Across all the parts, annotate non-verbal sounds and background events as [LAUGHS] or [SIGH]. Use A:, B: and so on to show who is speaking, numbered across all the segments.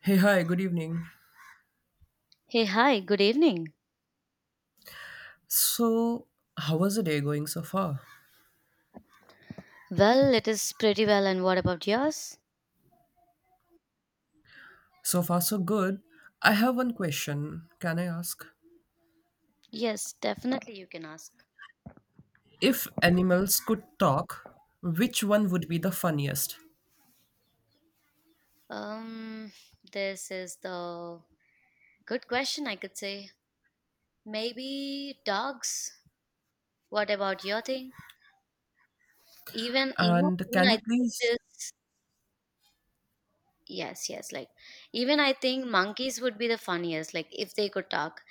A: Hey, hi, good evening.
B: Hey, hi, good evening.
A: So, how was the day going so far?
B: Well, it is pretty well, and what about yours?
A: So far, so good. I have one question. Can I ask?
B: Yes, definitely you can ask.
A: If animals could talk, which one would be the funniest?
B: Um, this is the good question, I could say. Maybe dogs. What about your thing? Even, you know,
A: And
B: even
A: can
B: I
A: you
B: think
A: please?
B: this. Yes, yes. Like even I think monkeys would be the funniest, like if they could talk.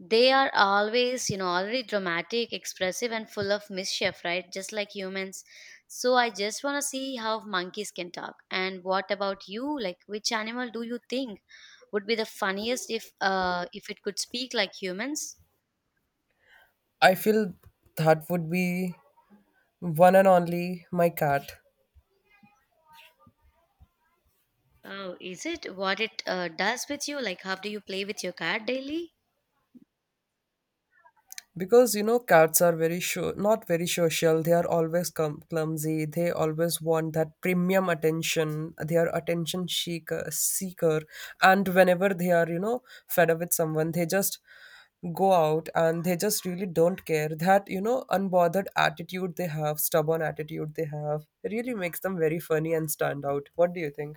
B: They are always, you know, already dramatic, expressive and full of mischief, right? Just like humans. So I just want to see how monkeys can talk. And what about you? Like which animal do you think would be the funniest if it could speak like humans?
A: I feel that would be one and only my cat.
B: Oh, is it what it does with you? Like how do you play with your cat daily?
A: Because you know cats are very sure not very social. They are always clumsy. They always want that premium attention. They are attention seeker and whenever they are, you know, fed up with someone, they just go out and they just really don't care. That, you know, unbothered attitude they have, stubborn attitude they have, really makes them very funny and stand out. What do you think?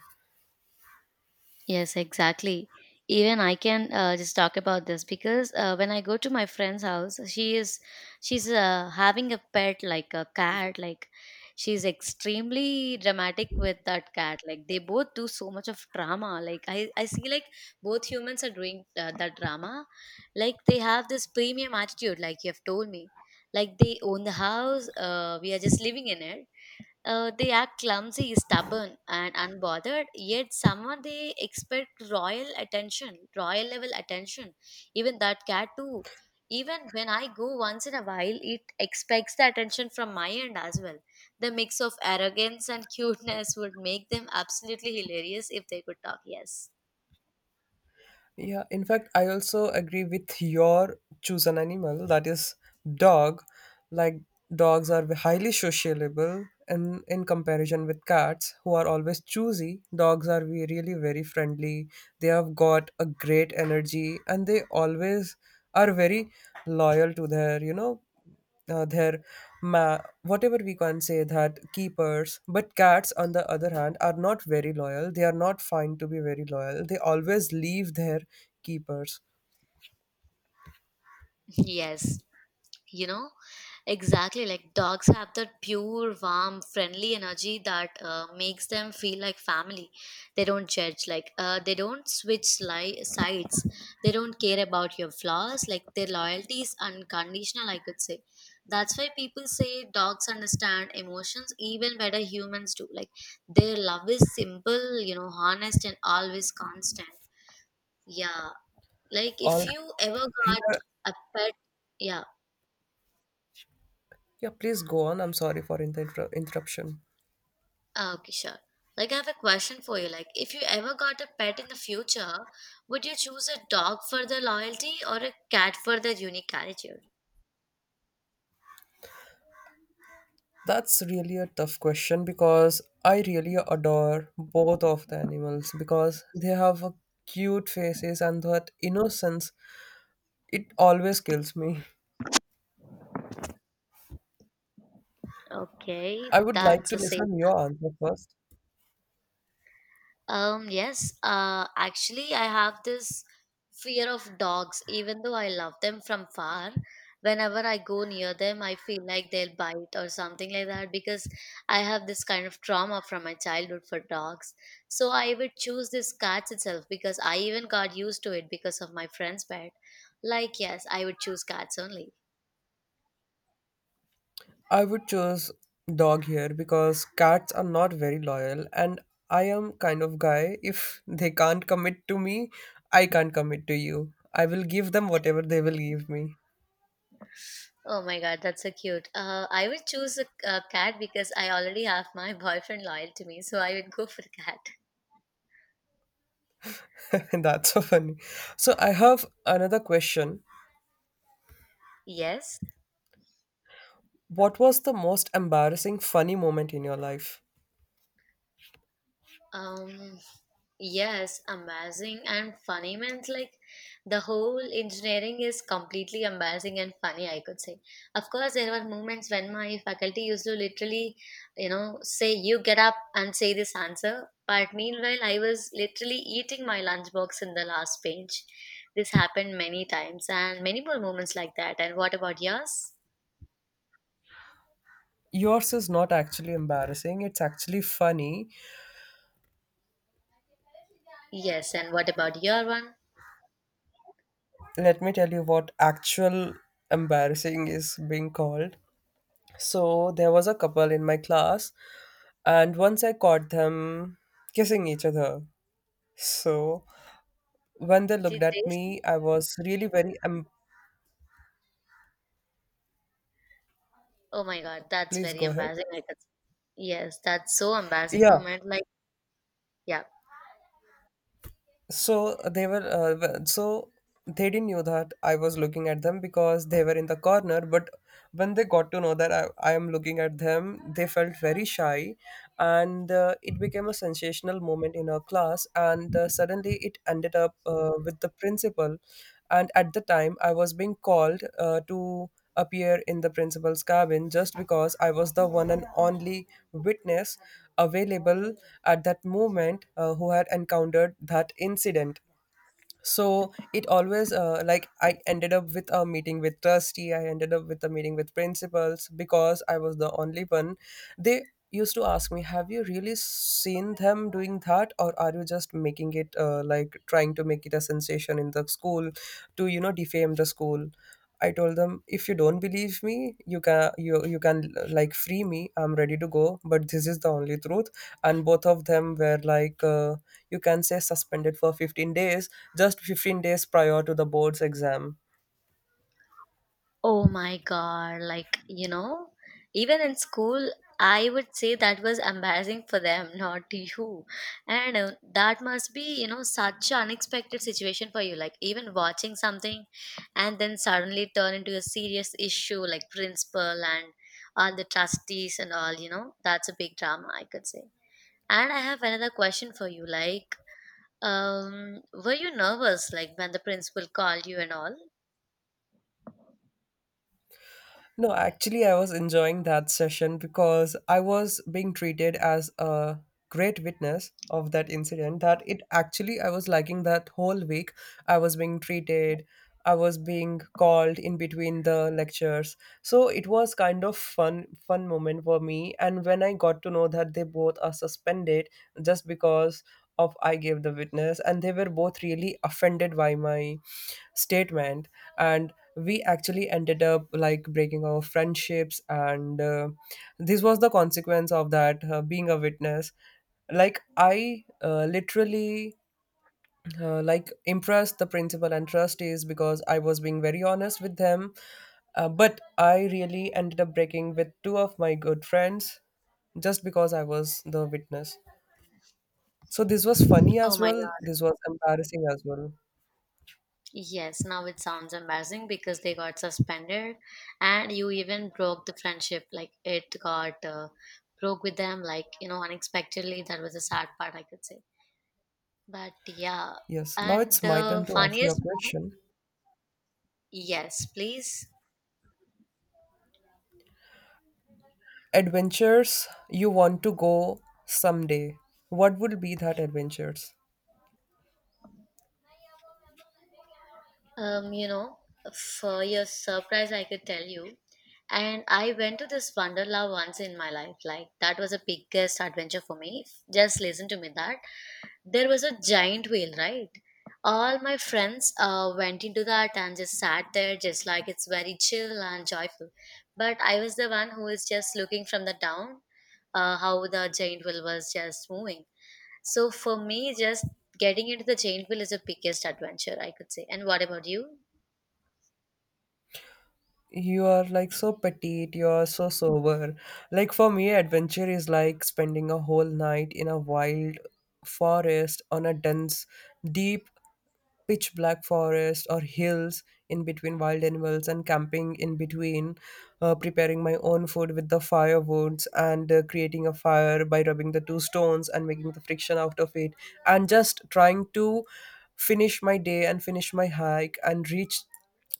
B: Yes, exactly. Even I can just talk about this because when I go to my friend's house, she's having a pet like a cat. Like she's extremely dramatic with that cat. Like they both do so much of drama. Like I see like both humans are doing that drama. Like they have this premium attitude. Like you have told me. Like they own the house. We are just living in it. They are clumsy, stubborn, and unbothered. Yet, somehow they expect royal attention, royal level attention. Even that cat too. Even when I go once in a while, it expects the attention from my end as well. The mix of arrogance and cuteness would make them absolutely hilarious if they could talk. Yes,
A: Yeah, in fact, I also agree with your choose an animal that is dog. Like dogs are highly sociable and in comparison with cats who are always choosy, dogs are really very friendly. They have got a great energy and they always are very loyal to their, you know, their whatever we can say that keepers. But cats on the other hand are not very loyal. They are not fine to be very loyal. They always leave their keepers
B: [LAUGHS] yes. You know, exactly like dogs have that pure warm friendly energy that makes them feel like family. They don't judge. Like they don't switch sides. They don't care about your flaws. Like their loyalty is unconditional, I could say. That's why people say dogs understand emotions even better humans do. Like their love is simple, you know, honest and always constant. Yeah, like
A: all
B: if you ever got
A: here.
B: a pet. Yeah.
A: Yeah, please go on. I'm sorry for interruption.
B: Ah, okay, sure. Like I have a question for you. Like, if you ever got a pet in the future, would you choose a dog for their loyalty or a cat for their unique attitude?
A: That's really a tough question because I really adore both of the animals because they have a cute faces and that innocence. It always kills me.
B: Okay,
A: I would like
B: that's
A: to
B: a safe.
A: listen your answer first.
B: Yes, actually, I have this fear of dogs, even though I love them from far. Whenever I go near them, I feel like they'll bite or something like that because I have this kind of trauma from my childhood for dogs. So I would choose this cats itself because I even got used to it because of my friend's pet. Like, yes, I would choose cats only.
A: I would choose dog here because cats are not very loyal and I am kind of guy. If they can't commit to me, I can't commit to you. I will give them whatever they will give me.
B: Oh my god, that's so cute. I would choose a cat because I already have my [LAUGHS] boyfriend loyal to me, so I would go for cat.
A: [LAUGHS] That's so funny. So I have another question.
B: Yes.
A: What was the most embarrassing funny moment in your life?
B: Um, yes, amazing and funny means like the whole engineering is completely amazing and funny, I could say. Of course, there were moments when my faculty used to literally, you know, say, you get up and say this answer. But meanwhile, I was literally eating my lunchbox in the last page. This happened many times and many more moments like that. And what about yours?
A: Yours is not actually embarrassing, it's actually funny.
B: Yes, and what about your one?
A: Let me tell you what actual embarrassing is being called. So there was a couple in my class, and once I caught them kissing each other. So when they looked
B: Did they
A: at me,
B: see?
A: I was really very.
B: Oh my god, that's
A: Please
B: very
A: go ahead.
B: embarrassing. Yes, that's so embarrassing
A: Yeah.
B: moment. Like, yeah.
A: So they were so they didn't know that I was looking at them because they were in the corner. But when they got to know that I am looking at them, they felt very shy, and it became a sensational moment in our class. And suddenly it ended up with the principal, and at the time I was being called to appear in the principal's cabin just because I was the one and only witness available at that moment who had encountered that incident. So it always like I ended up with a meeting with trustee. I ended up with a meeting with principals because I was the only one. They used to ask me, have you really seen them doing that or are you just making it like trying to make it a sensation in the school to, you know, defame the school? I told them, if you don't believe me, you can like free me. I'm ready to go, but this is the only truth. And both of them were like you can say suspended for 15 days, just 15 days prior to the board's exam.
B: Oh my God. Like, you know, even in school, I would say that was embarrassing for them, [LAUGHS] not you. And that must be, you know, such an unexpected situation for you. Like, even watching something and then suddenly turn into a serious issue, like principal and all the trustees and all, you know, that's a big drama, I could say. And I have another question for you. Like, were you nervous like when the principal called you and all?
A: No, actually, I was enjoying that session because I was being treated as a great witness of that incident. That it actually, I was liking that whole week. I was being treated, I was being called in between the lectures. So it was kind of fun moment for me. And when I got to know that they both are suspended just because of I gave the witness, and they were both really offended by my statement and we actually ended up like breaking our friendships and this was the consequence of that being a witness. Like I literally like impressed the principal and trustees because I was being very honest with them. Uh, but I really ended up breaking with two of my good friends just because I was the witness. So this was funny
B: Oh
A: as
B: my
A: well,
B: god.
A: this was embarrassing as well.
B: Yes, now it sounds embarrassing because they got suspended and you even broke the friendship. Like it got broke with them, like, you know, unexpectedly. That was a sad part, I could say. But yeah,
A: Yes, now
B: and
A: it's my
B: the
A: turn to ask you a
B: funniest,
A: question.
B: yes, please.
A: Adventures you want to go someday, what would be that adventures?
B: You know, for your surprise, I could tell you. And I went to this Wonderla once in my life. Like, that was the biggest adventure for me. Just listen to me that. There was a giant whale, right? All my friends went into that and just sat there, just like it's very chill and joyful. But I was the one who is just looking from the down, how the giant whale was just moving. So for me, just getting into the chain wheel is the biggest adventure, I could say. And what about you?
A: You are like so petite, you are so sober. Like for me adventure is like spending a whole night in a wild forest on a dense deep pitch black forest or hills, in between wild animals and camping in between, preparing my own food with the firewoods and creating a fire by rubbing the two stones and making the friction out of it, and just trying to finish my day and finish my hike and reach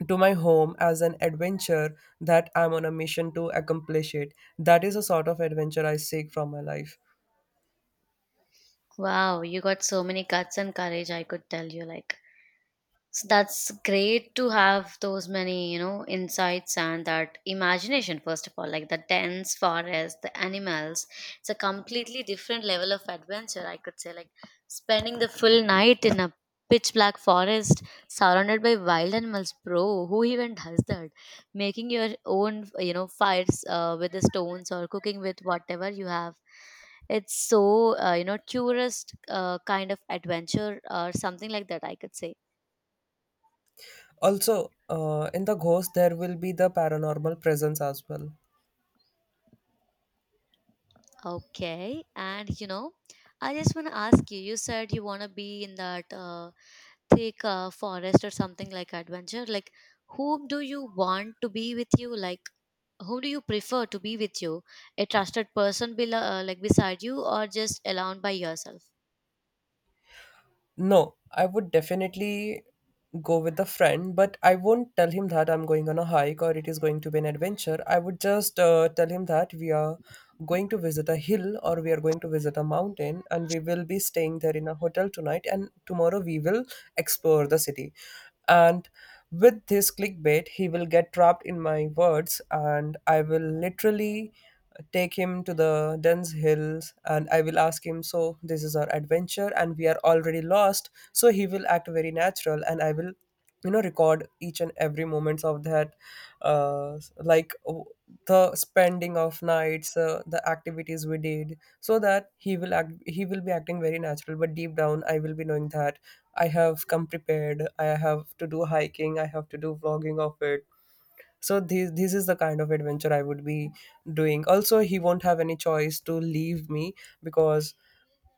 A: to my home as an adventure that I'm on a mission to accomplish it. That is a sort of adventure I seek from my life.
B: Wow, you got so many guts and courage, I could tell you. Like, so that's great to have those many, you know, insights and that imagination, first of all, like the dense forest, the animals. It's a completely different level of adventure, I could say. Like, spending the full night in a pitch black forest surrounded by wild animals, bro, who even does that? Making your own, you know, fires with the stones or cooking with whatever you have, it's so, you know, tourist kind of adventure or something like that, I could say.
A: Also, in the ghost, there will be the paranormal presence as well.
B: Okay, and you know, I just want to ask you. You said you want to be in that thick forest or something like adventure. Like, whom do you want to be with you? Like, whom do you prefer to be with you? A trusted person, below, like beside you, or just alone by yourself?
A: No, I would definitely go with a friend, but I won't tell him that I'm going on a hike or it is going to be an adventure. I would just tell him that we are going to visit a hill or we are going to visit a mountain and we will be staying there in a hotel tonight and tomorrow we will explore the city. And with this clickbait, he will get trapped in my words and I will literally take him to the dense hills, and I will ask him, so, this is our adventure, and we are already lost. So, he will act very natural, and I will, you know, record each and every moments of that uh, like w- the spending of nights the activities we did. So that he will act, he will be acting very natural, but deep down I will be knowing that I have come prepared, I have to do hiking, I have to do vlogging of it. So this is the kind of adventure I would be doing. Also, he won't have any choice to leave me because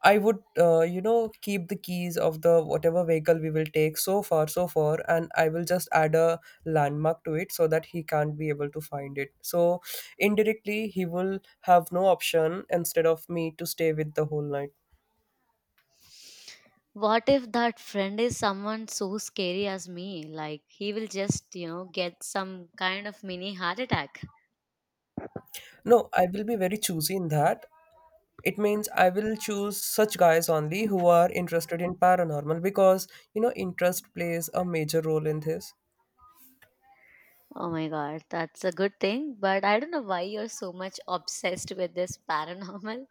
A: I would you know, keep the keys of the whatever vehicle we will take so far, and I will just add a landmark to it so that he can't be able to find it. So indirectly he will have no option instead of me to stay with the whole night.
B: What if that friend is someone so scary as me? Like, he will just, you know, get some kind of mini heart attack.
A: No, I will be very choosy in that. It means I will choose such guys only who are interested in paranormal, because you know interest plays a major role in this.
B: Oh my god, that's a good thing, but I don't know why you're so much [LAUGHS] obsessed with this paranormal.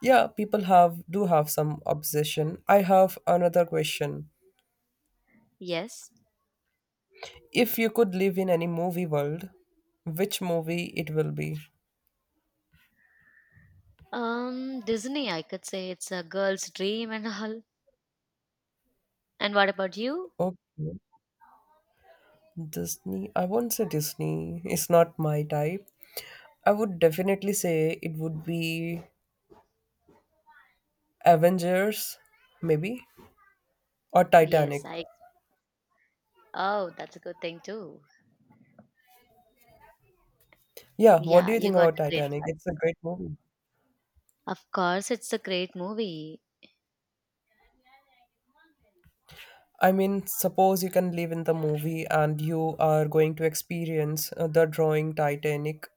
A: Yeah, people have do have some obsession. I have another question.
B: Yes.
A: If you could live in any movie world, which movie it will be?
B: Disney, I could say it's a girl's dream and all. And what about you?
A: Okay, disney I won't say, disney it's not my type. I would definitely say it would be avengers, maybe, or titanic.
B: Yes, I. Oh, that's a good thing too.
A: Yeah, what do
B: Yeah,
A: you
B: you
A: think
B: got
A: about
B: a great
A: titanic? It's
B: choice.
A: a great movie.
B: Of course, it's a great movie.
A: I mean, suppose you can live in the movie and you are going to experience the drawing Titanic.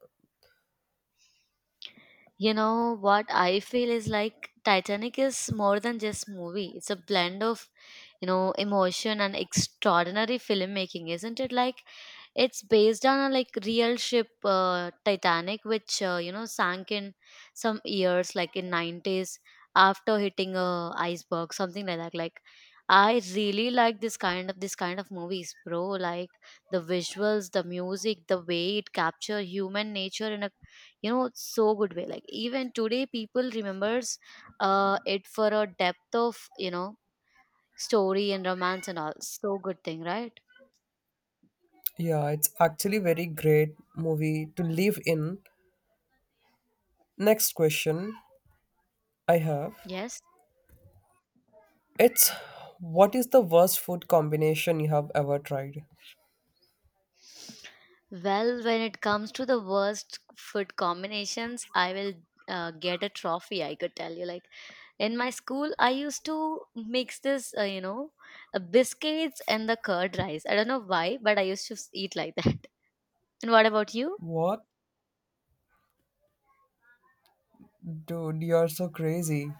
B: You know what I feel is like Titanic is more than just movie. It's a blend of, you know, emotion and extraordinary filmmaking, isn't it? Like it's based on a like real ship Titanic which you know sank in some years like in 90s after hitting a iceberg something like that. Like I really like this kind of movies, bro. Like the visuals, the music, the way it capture human nature in a, you know, so good way. Like even today people remembers it for a depth of, you know, story and romance and all. So good thing, right?
A: Yeah, it's actually very great movie to live in. Next question I have.
B: Yes.
A: It's what is the worst food combination you have ever tried?
B: Well, when it comes to the worst food combinations I will get a trophy, I could tell you. Like in my school I used to mix this, you know, biscuits and the curd rice. I don't know why, but I used to eat like that. [LAUGHS] And what about you?
A: What? Dude, you are so crazy.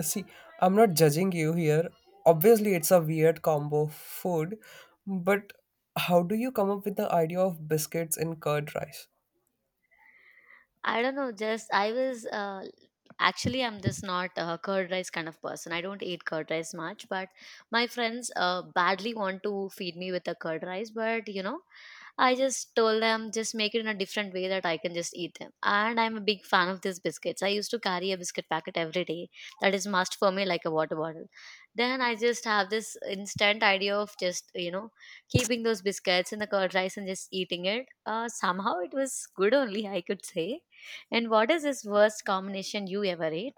A: See, I'm not judging you here. Obviously, it's a weird combo of food, but how do you come up with the idea of biscuits in curd rice?
B: I don't know. Just I was actually, I'm just not a curd rice kind of person. I don't eat curd rice much, but my friends badly want to feed me with a curd rice. But you know, I just told them just make it in a different way that I can just eat them. And I'm a big fan of these biscuits. I used to carry a biscuit packet every day. That is must for me like a water bottle. Then I just have this instant idea of just, you know, keeping those biscuits in the curd rice and just eating it. Somehow it was good only, I could say. And what is this worst combination you ever ate?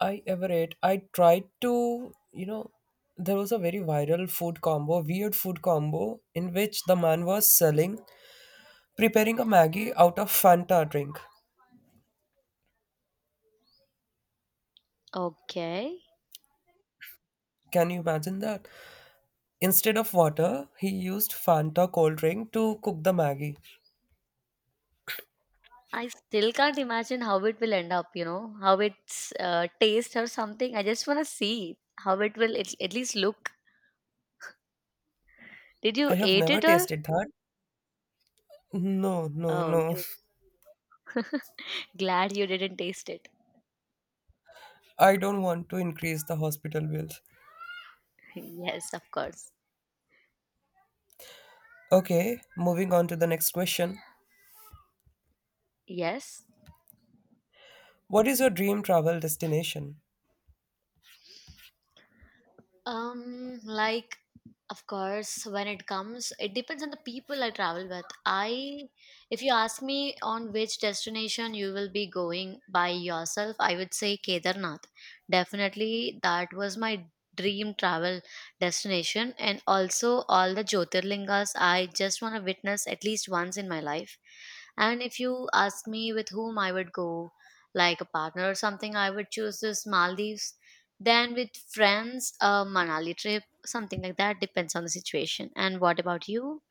A: I ever ate. I tried to, you know, there was a very viral food combo, weird food combo, in which the man was selling, preparing a Maggie out of Fanta drink.
B: Okay.
A: Can you imagine that? Instead of water, he used Fanta cold drink to cook the Maggie.
B: I still can't imagine how it will end up, you know, how it's taste or something. I just want to see how it will at least look. Did
A: I
B: you
A: have
B: ate
A: never
B: it or?
A: tasted that. No,
B: Oh,
A: No.
B: you glad you didn't taste it.
A: [LAUGHS] I don't want to increase the hospital bills.
B: [LAUGHS] Yes, of course.
A: Okay, moving on to the next question.
B: Yes.
A: What is your dream travel destination?
B: Like, of course, when it comes, it depends on the people I travel with. If you ask me on which destination you will be going by yourself, I would say Kedarnath. Definitely, that was my dream travel destination, and also all the Jyotirlingas I just want to witness at least once in my life. And if you ask me with whom I would go, like a partner or something, I would choose this Maldives, then with friends, a Manali trip, something like that, depends on the situation. And what about you?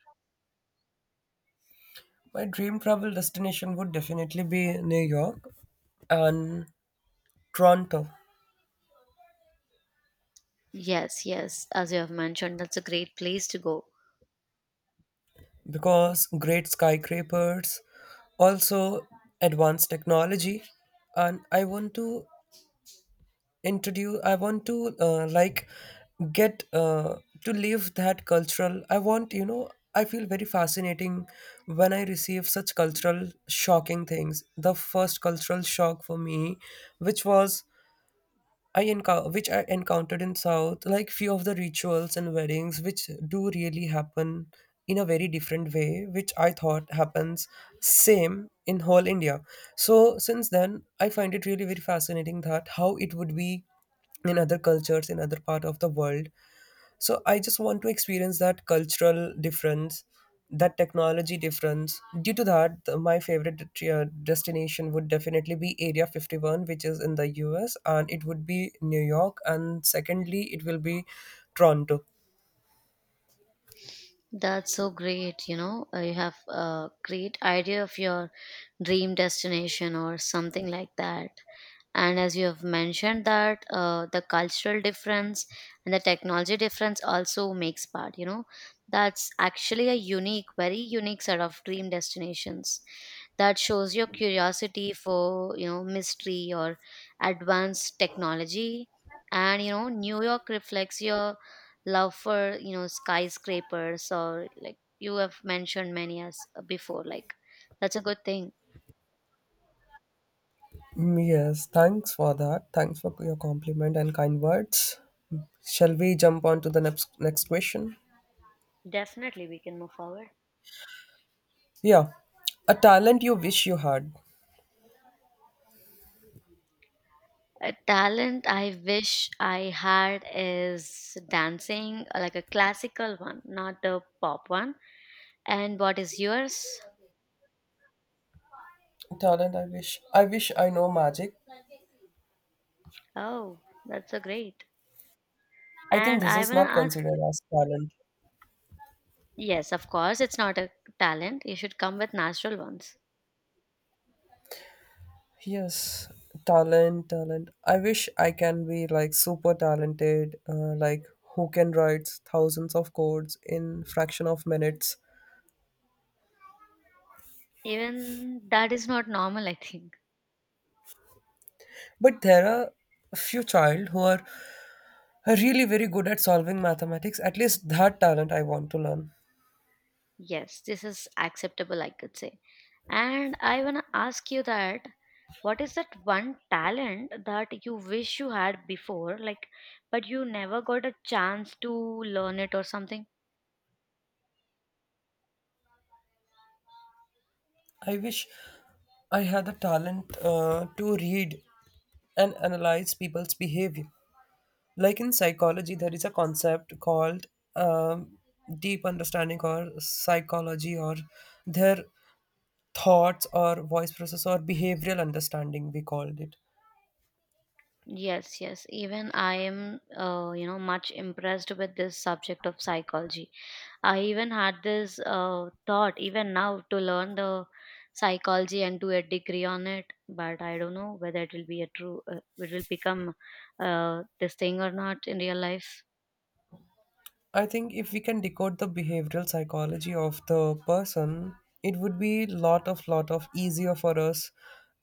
A: My dream travel destination would definitely be New York and Toronto,
B: Yes, yes, as you have mentioned, that's a great place to go.
A: because great skyscrapers, also advanced technology, and I want to introduce. I want to like get to live that cultural. I want, you know. I feel very fascinating when I receive such cultural shocking things. The first cultural shock for me, which was which I encountered in South, like few of the rituals and weddings, which do really happen in a very different way, which I thought happens same in whole India. So since then, I find it really very fascinating that how it would be in other cultures in other part of the world. So I just want to experience that cultural difference, that technology difference. Due to that, my favorite destination would definitely be Area 51, which is in the US, and it would be New York, and secondly, it will be Toronto.
B: That's so great, you know. You have a great idea of your dream destination or something like that, and as you have mentioned that the cultural difference and the technology difference also makes part, you know, that's actually a unique, very unique set of dream destinations that shows your curiosity for, you know, mystery or advanced technology. And, you know, New York reflects your love for, you know, skyscrapers, or like you have mentioned many as before, like, that's a good thing.
A: Mm, yes, thanks for that. Thanks for your compliment and kind words. Shall we jump on to the next question?
B: Definitely, we can move forward.
A: Yeah. A talent you wish you had.
B: A talent I wish I had is dancing, like a classical one, not a pop one. And what is yours?
A: Talent I wish. I wish I know magic.
B: Oh, that's so great.
A: I think
B: And
A: this
B: I want
A: is not
B: to ask you.
A: considered as talent.
B: Yes, of course, it's not a talent. You should come with natural ones.
A: Yes, talent, talent. I wish I can be like super talented, like who can write thousands of codes in fraction of minutes.
B: Even that is not normal, I think.
A: But there are a few child who are really very good at solving mathematics. At least that talent I want to learn.
B: Yes, this is acceptable, I could say. And I want to ask you that what is that one talent that you wish you had before, like, but you never got a chance to learn it or something?
A: I wish I had the talent to read and analyze people's behavior. Like in psychology there is a concept called um, deep understanding or psychology or their thoughts or voice process or behavioral understanding we called it.
B: Yes, yes. Even I am, you know, much impressed with this subject of psychology. I even had this thought, even now, to learn the psychology and do a degree on it. But I don't know whether it will be a true, it will become this thing or not in real life.
A: I think if we can decode the behavioral psychology of the person, it would be lot of easier for us,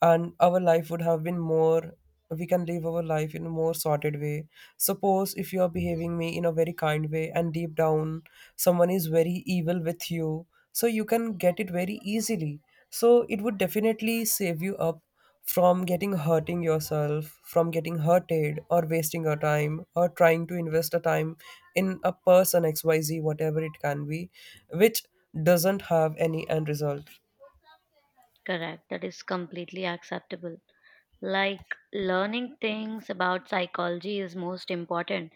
A: and our life would have been more. We can live our life in a more sorted way. Suppose if you are behaving me in a very kind way, and deep down someone is very evil with you, so you can get it very easily. So it would definitely save you up from getting hurting yourself, from getting hurted or wasting your time or trying to invest a time in a person xyz, whatever it can be, which doesn't have any end result.
B: Correct. That is completely acceptable. Like, learning things about psychology is most important.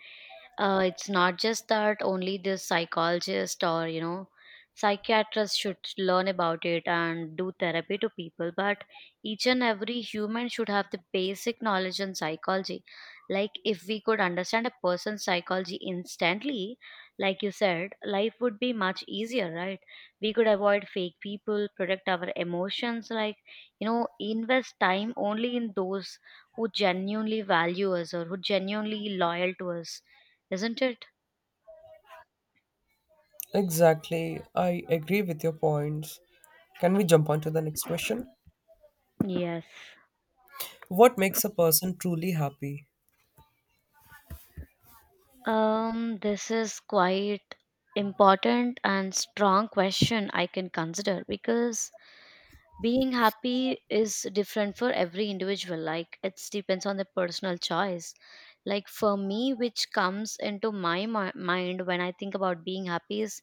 B: It's not just that only this psychologist, or you know, psychiatrist should learn about it and do therapy to people, but each and every human should have the basic knowledge on psychology. Like, if we could understand a person's psychology instantly, like you said, life would be much easier, right? We could avoid fake people, protect our emotions, like, you know, invest time only in those who genuinely value us or who genuinely loyal to us, isn't it?
A: Exactly, I agree with your points. Can we jump on to the next question?
B: Yes.
A: What makes a person truly happy?
B: This is quite important and strong question I can consider, because being happy is different for every individual. Like, it depends on the personal choice. Like, for me, which comes into my mind when I think about being happy is,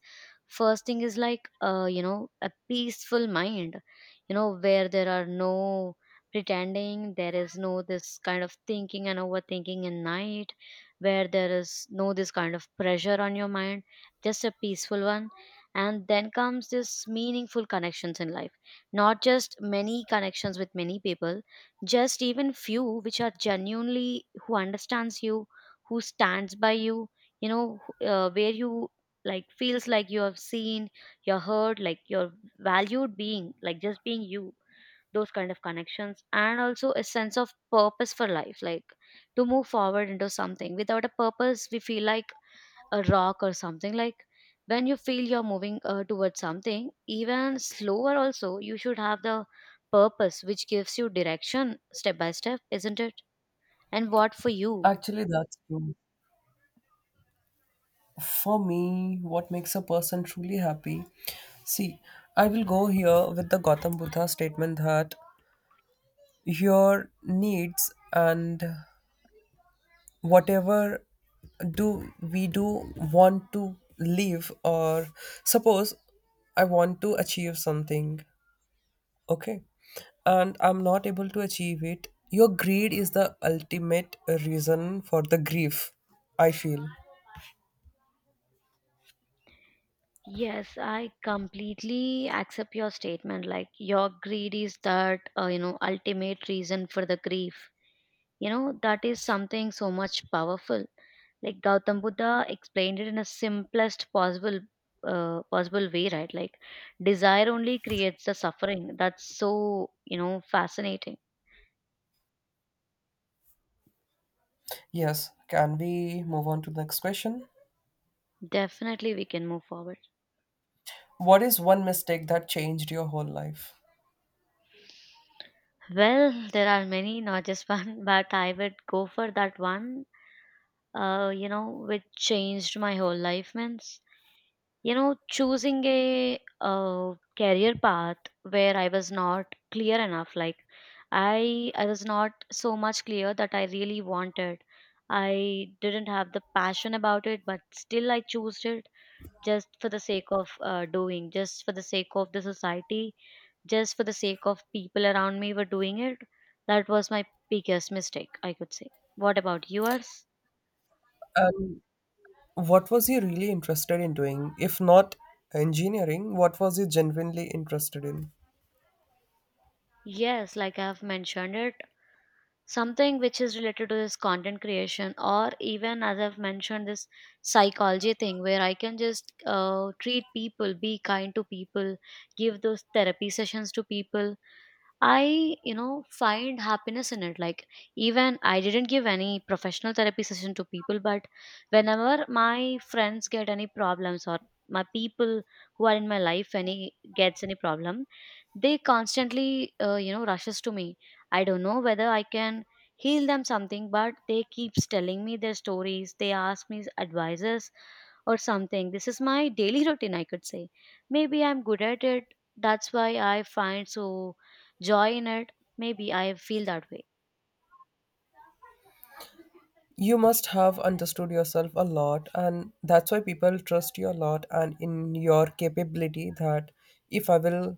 B: first thing is like, you know, a peaceful mind, you know, where there are no pretending, there is no this kind of thinking and overthinking in night, where there is no this kind of pressure on your mind, just a peaceful one. And then comes this meaningful connections in life, not just many connections with many people, just even few which are genuinely, who understands you, who stands by you, you know, where you like feels like you have seen, you're heard, like you're valued being, like just being you, those kind of connections. And also a sense of purpose for life, like to move forward into something. Without a purpose, we feel like a rock or something. Like, when you feel you're moving towards something even slower also, you should have the purpose which gives you direction step by step, isn't it? And what for you?
A: Actually, that's true. For me, what makes a person truly happy? See, I will go here with the Gautam Buddha statement that your needs and whatever do we do want to live, or suppose I want to achieve something, okay, and I'm not able to achieve it. Your greed is the ultimate reason for the grief, I feel.
B: Yes, I completely accept your statement. Like, your greed is that, you know, ultimate reason for the grief. You know, that is something so much powerful. Like, Gautam Buddha explained it in a simplest possible way, right? Like, desire only creates the suffering. That's so, you know, fascinating.
A: Yes, can we move on to the next question?
B: Definitely we can move forward.
A: What is one mistake that changed your whole life?
B: Well, there are many, not just one, [LAUGHS] but I would go for that one, you know, which changed my whole life, means. You know, choosing a career path where I was not clear enough. Like, I was not so much clear that I really wanted. I didn't have the passion about it, but still I chose it just for the sake of doing, just for the sake of the society, just for the sake of people around me were doing it. That was my biggest mistake, I could say. What about yours?
A: um, What was he really interested in doing? If not engineering, what was he genuinely interested in?
B: Yes, like I've mentioned it, something which is related to this content creation, or even as I've mentioned this psychology thing where I can just treat people, be kind to people, give those therapy sessions to people. I, you know, find happiness in it. Like, even I didn't give any professional therapy session to people, but whenever my friends get any problems, or my people who are in my life any gets any problem, they constantly, you know, rushes to me. I don't know whether I can heal them something, but they keeps telling me their stories. They ask me advices or something. This is my daily [LAUGHS] routine, I could say. Maybe I'm good at it. That's why I find so joy in it. Maybe I feel that way.
A: You must have understood yourself a lot, and that's why people trust you a lot and in your capability. That if I will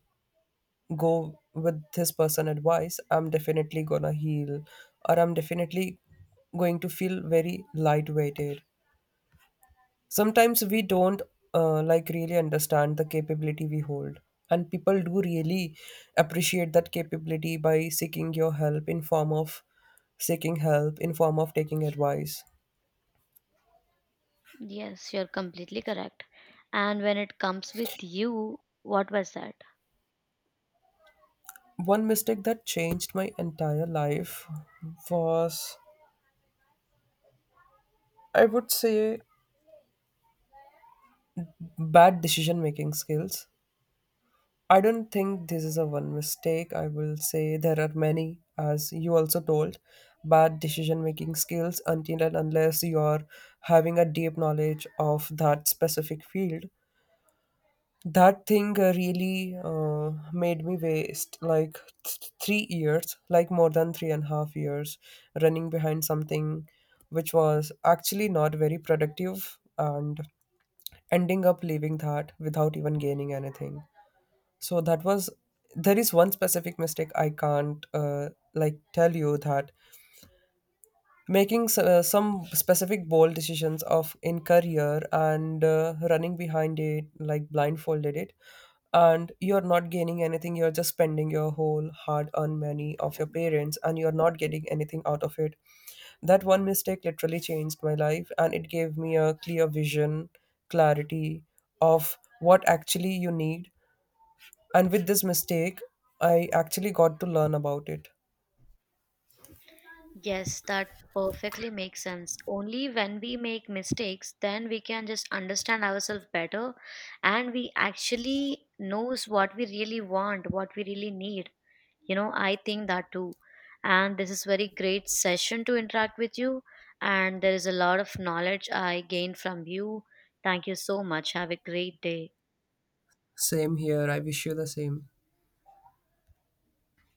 A: go with this person advice, I'm definitely gonna heal, or I'm definitely going to feel very lightweighted. Sometimes we don't like really understand the capability we hold, and people do really appreciate that capability by seeking your help in form of seeking help in form of taking advice.
B: Yes, you're completely correct. And when it comes with you, what was that?
A: One mistake that changed my entire life was, I would say, bad decision making skills. I don't think this is a one mistake. I will say there are many, as you also told, bad decision making skills until and unless you're having a deep knowledge of that specific field. That thing really made me waste like 3 years, like more than 3.5 years, running behind something which was actually not very productive and ending up leaving that without even gaining anything. So that was, there is one specific mistake I can't like tell you that, making some specific bold decisions of in career and running behind it like blindfolded it, and you're not gaining anything, you're just spending your whole hard earned money of your parents and you're not getting anything out of it. That one mistake literally changed my life and it gave me a clear vision, clarity, of what actually you need. And with this mistake, I actually got to learn about it.
B: Yes, that perfectly makes sense. Only when we make mistakes, then we can just understand ourselves better, and we actually knows what we really want, what we really need. You know, I think that too. And this is very great session to interact with you, and there is a lot of knowledge I gained from you. Thank you so much, have a great day.
A: Same here. I wish you the same.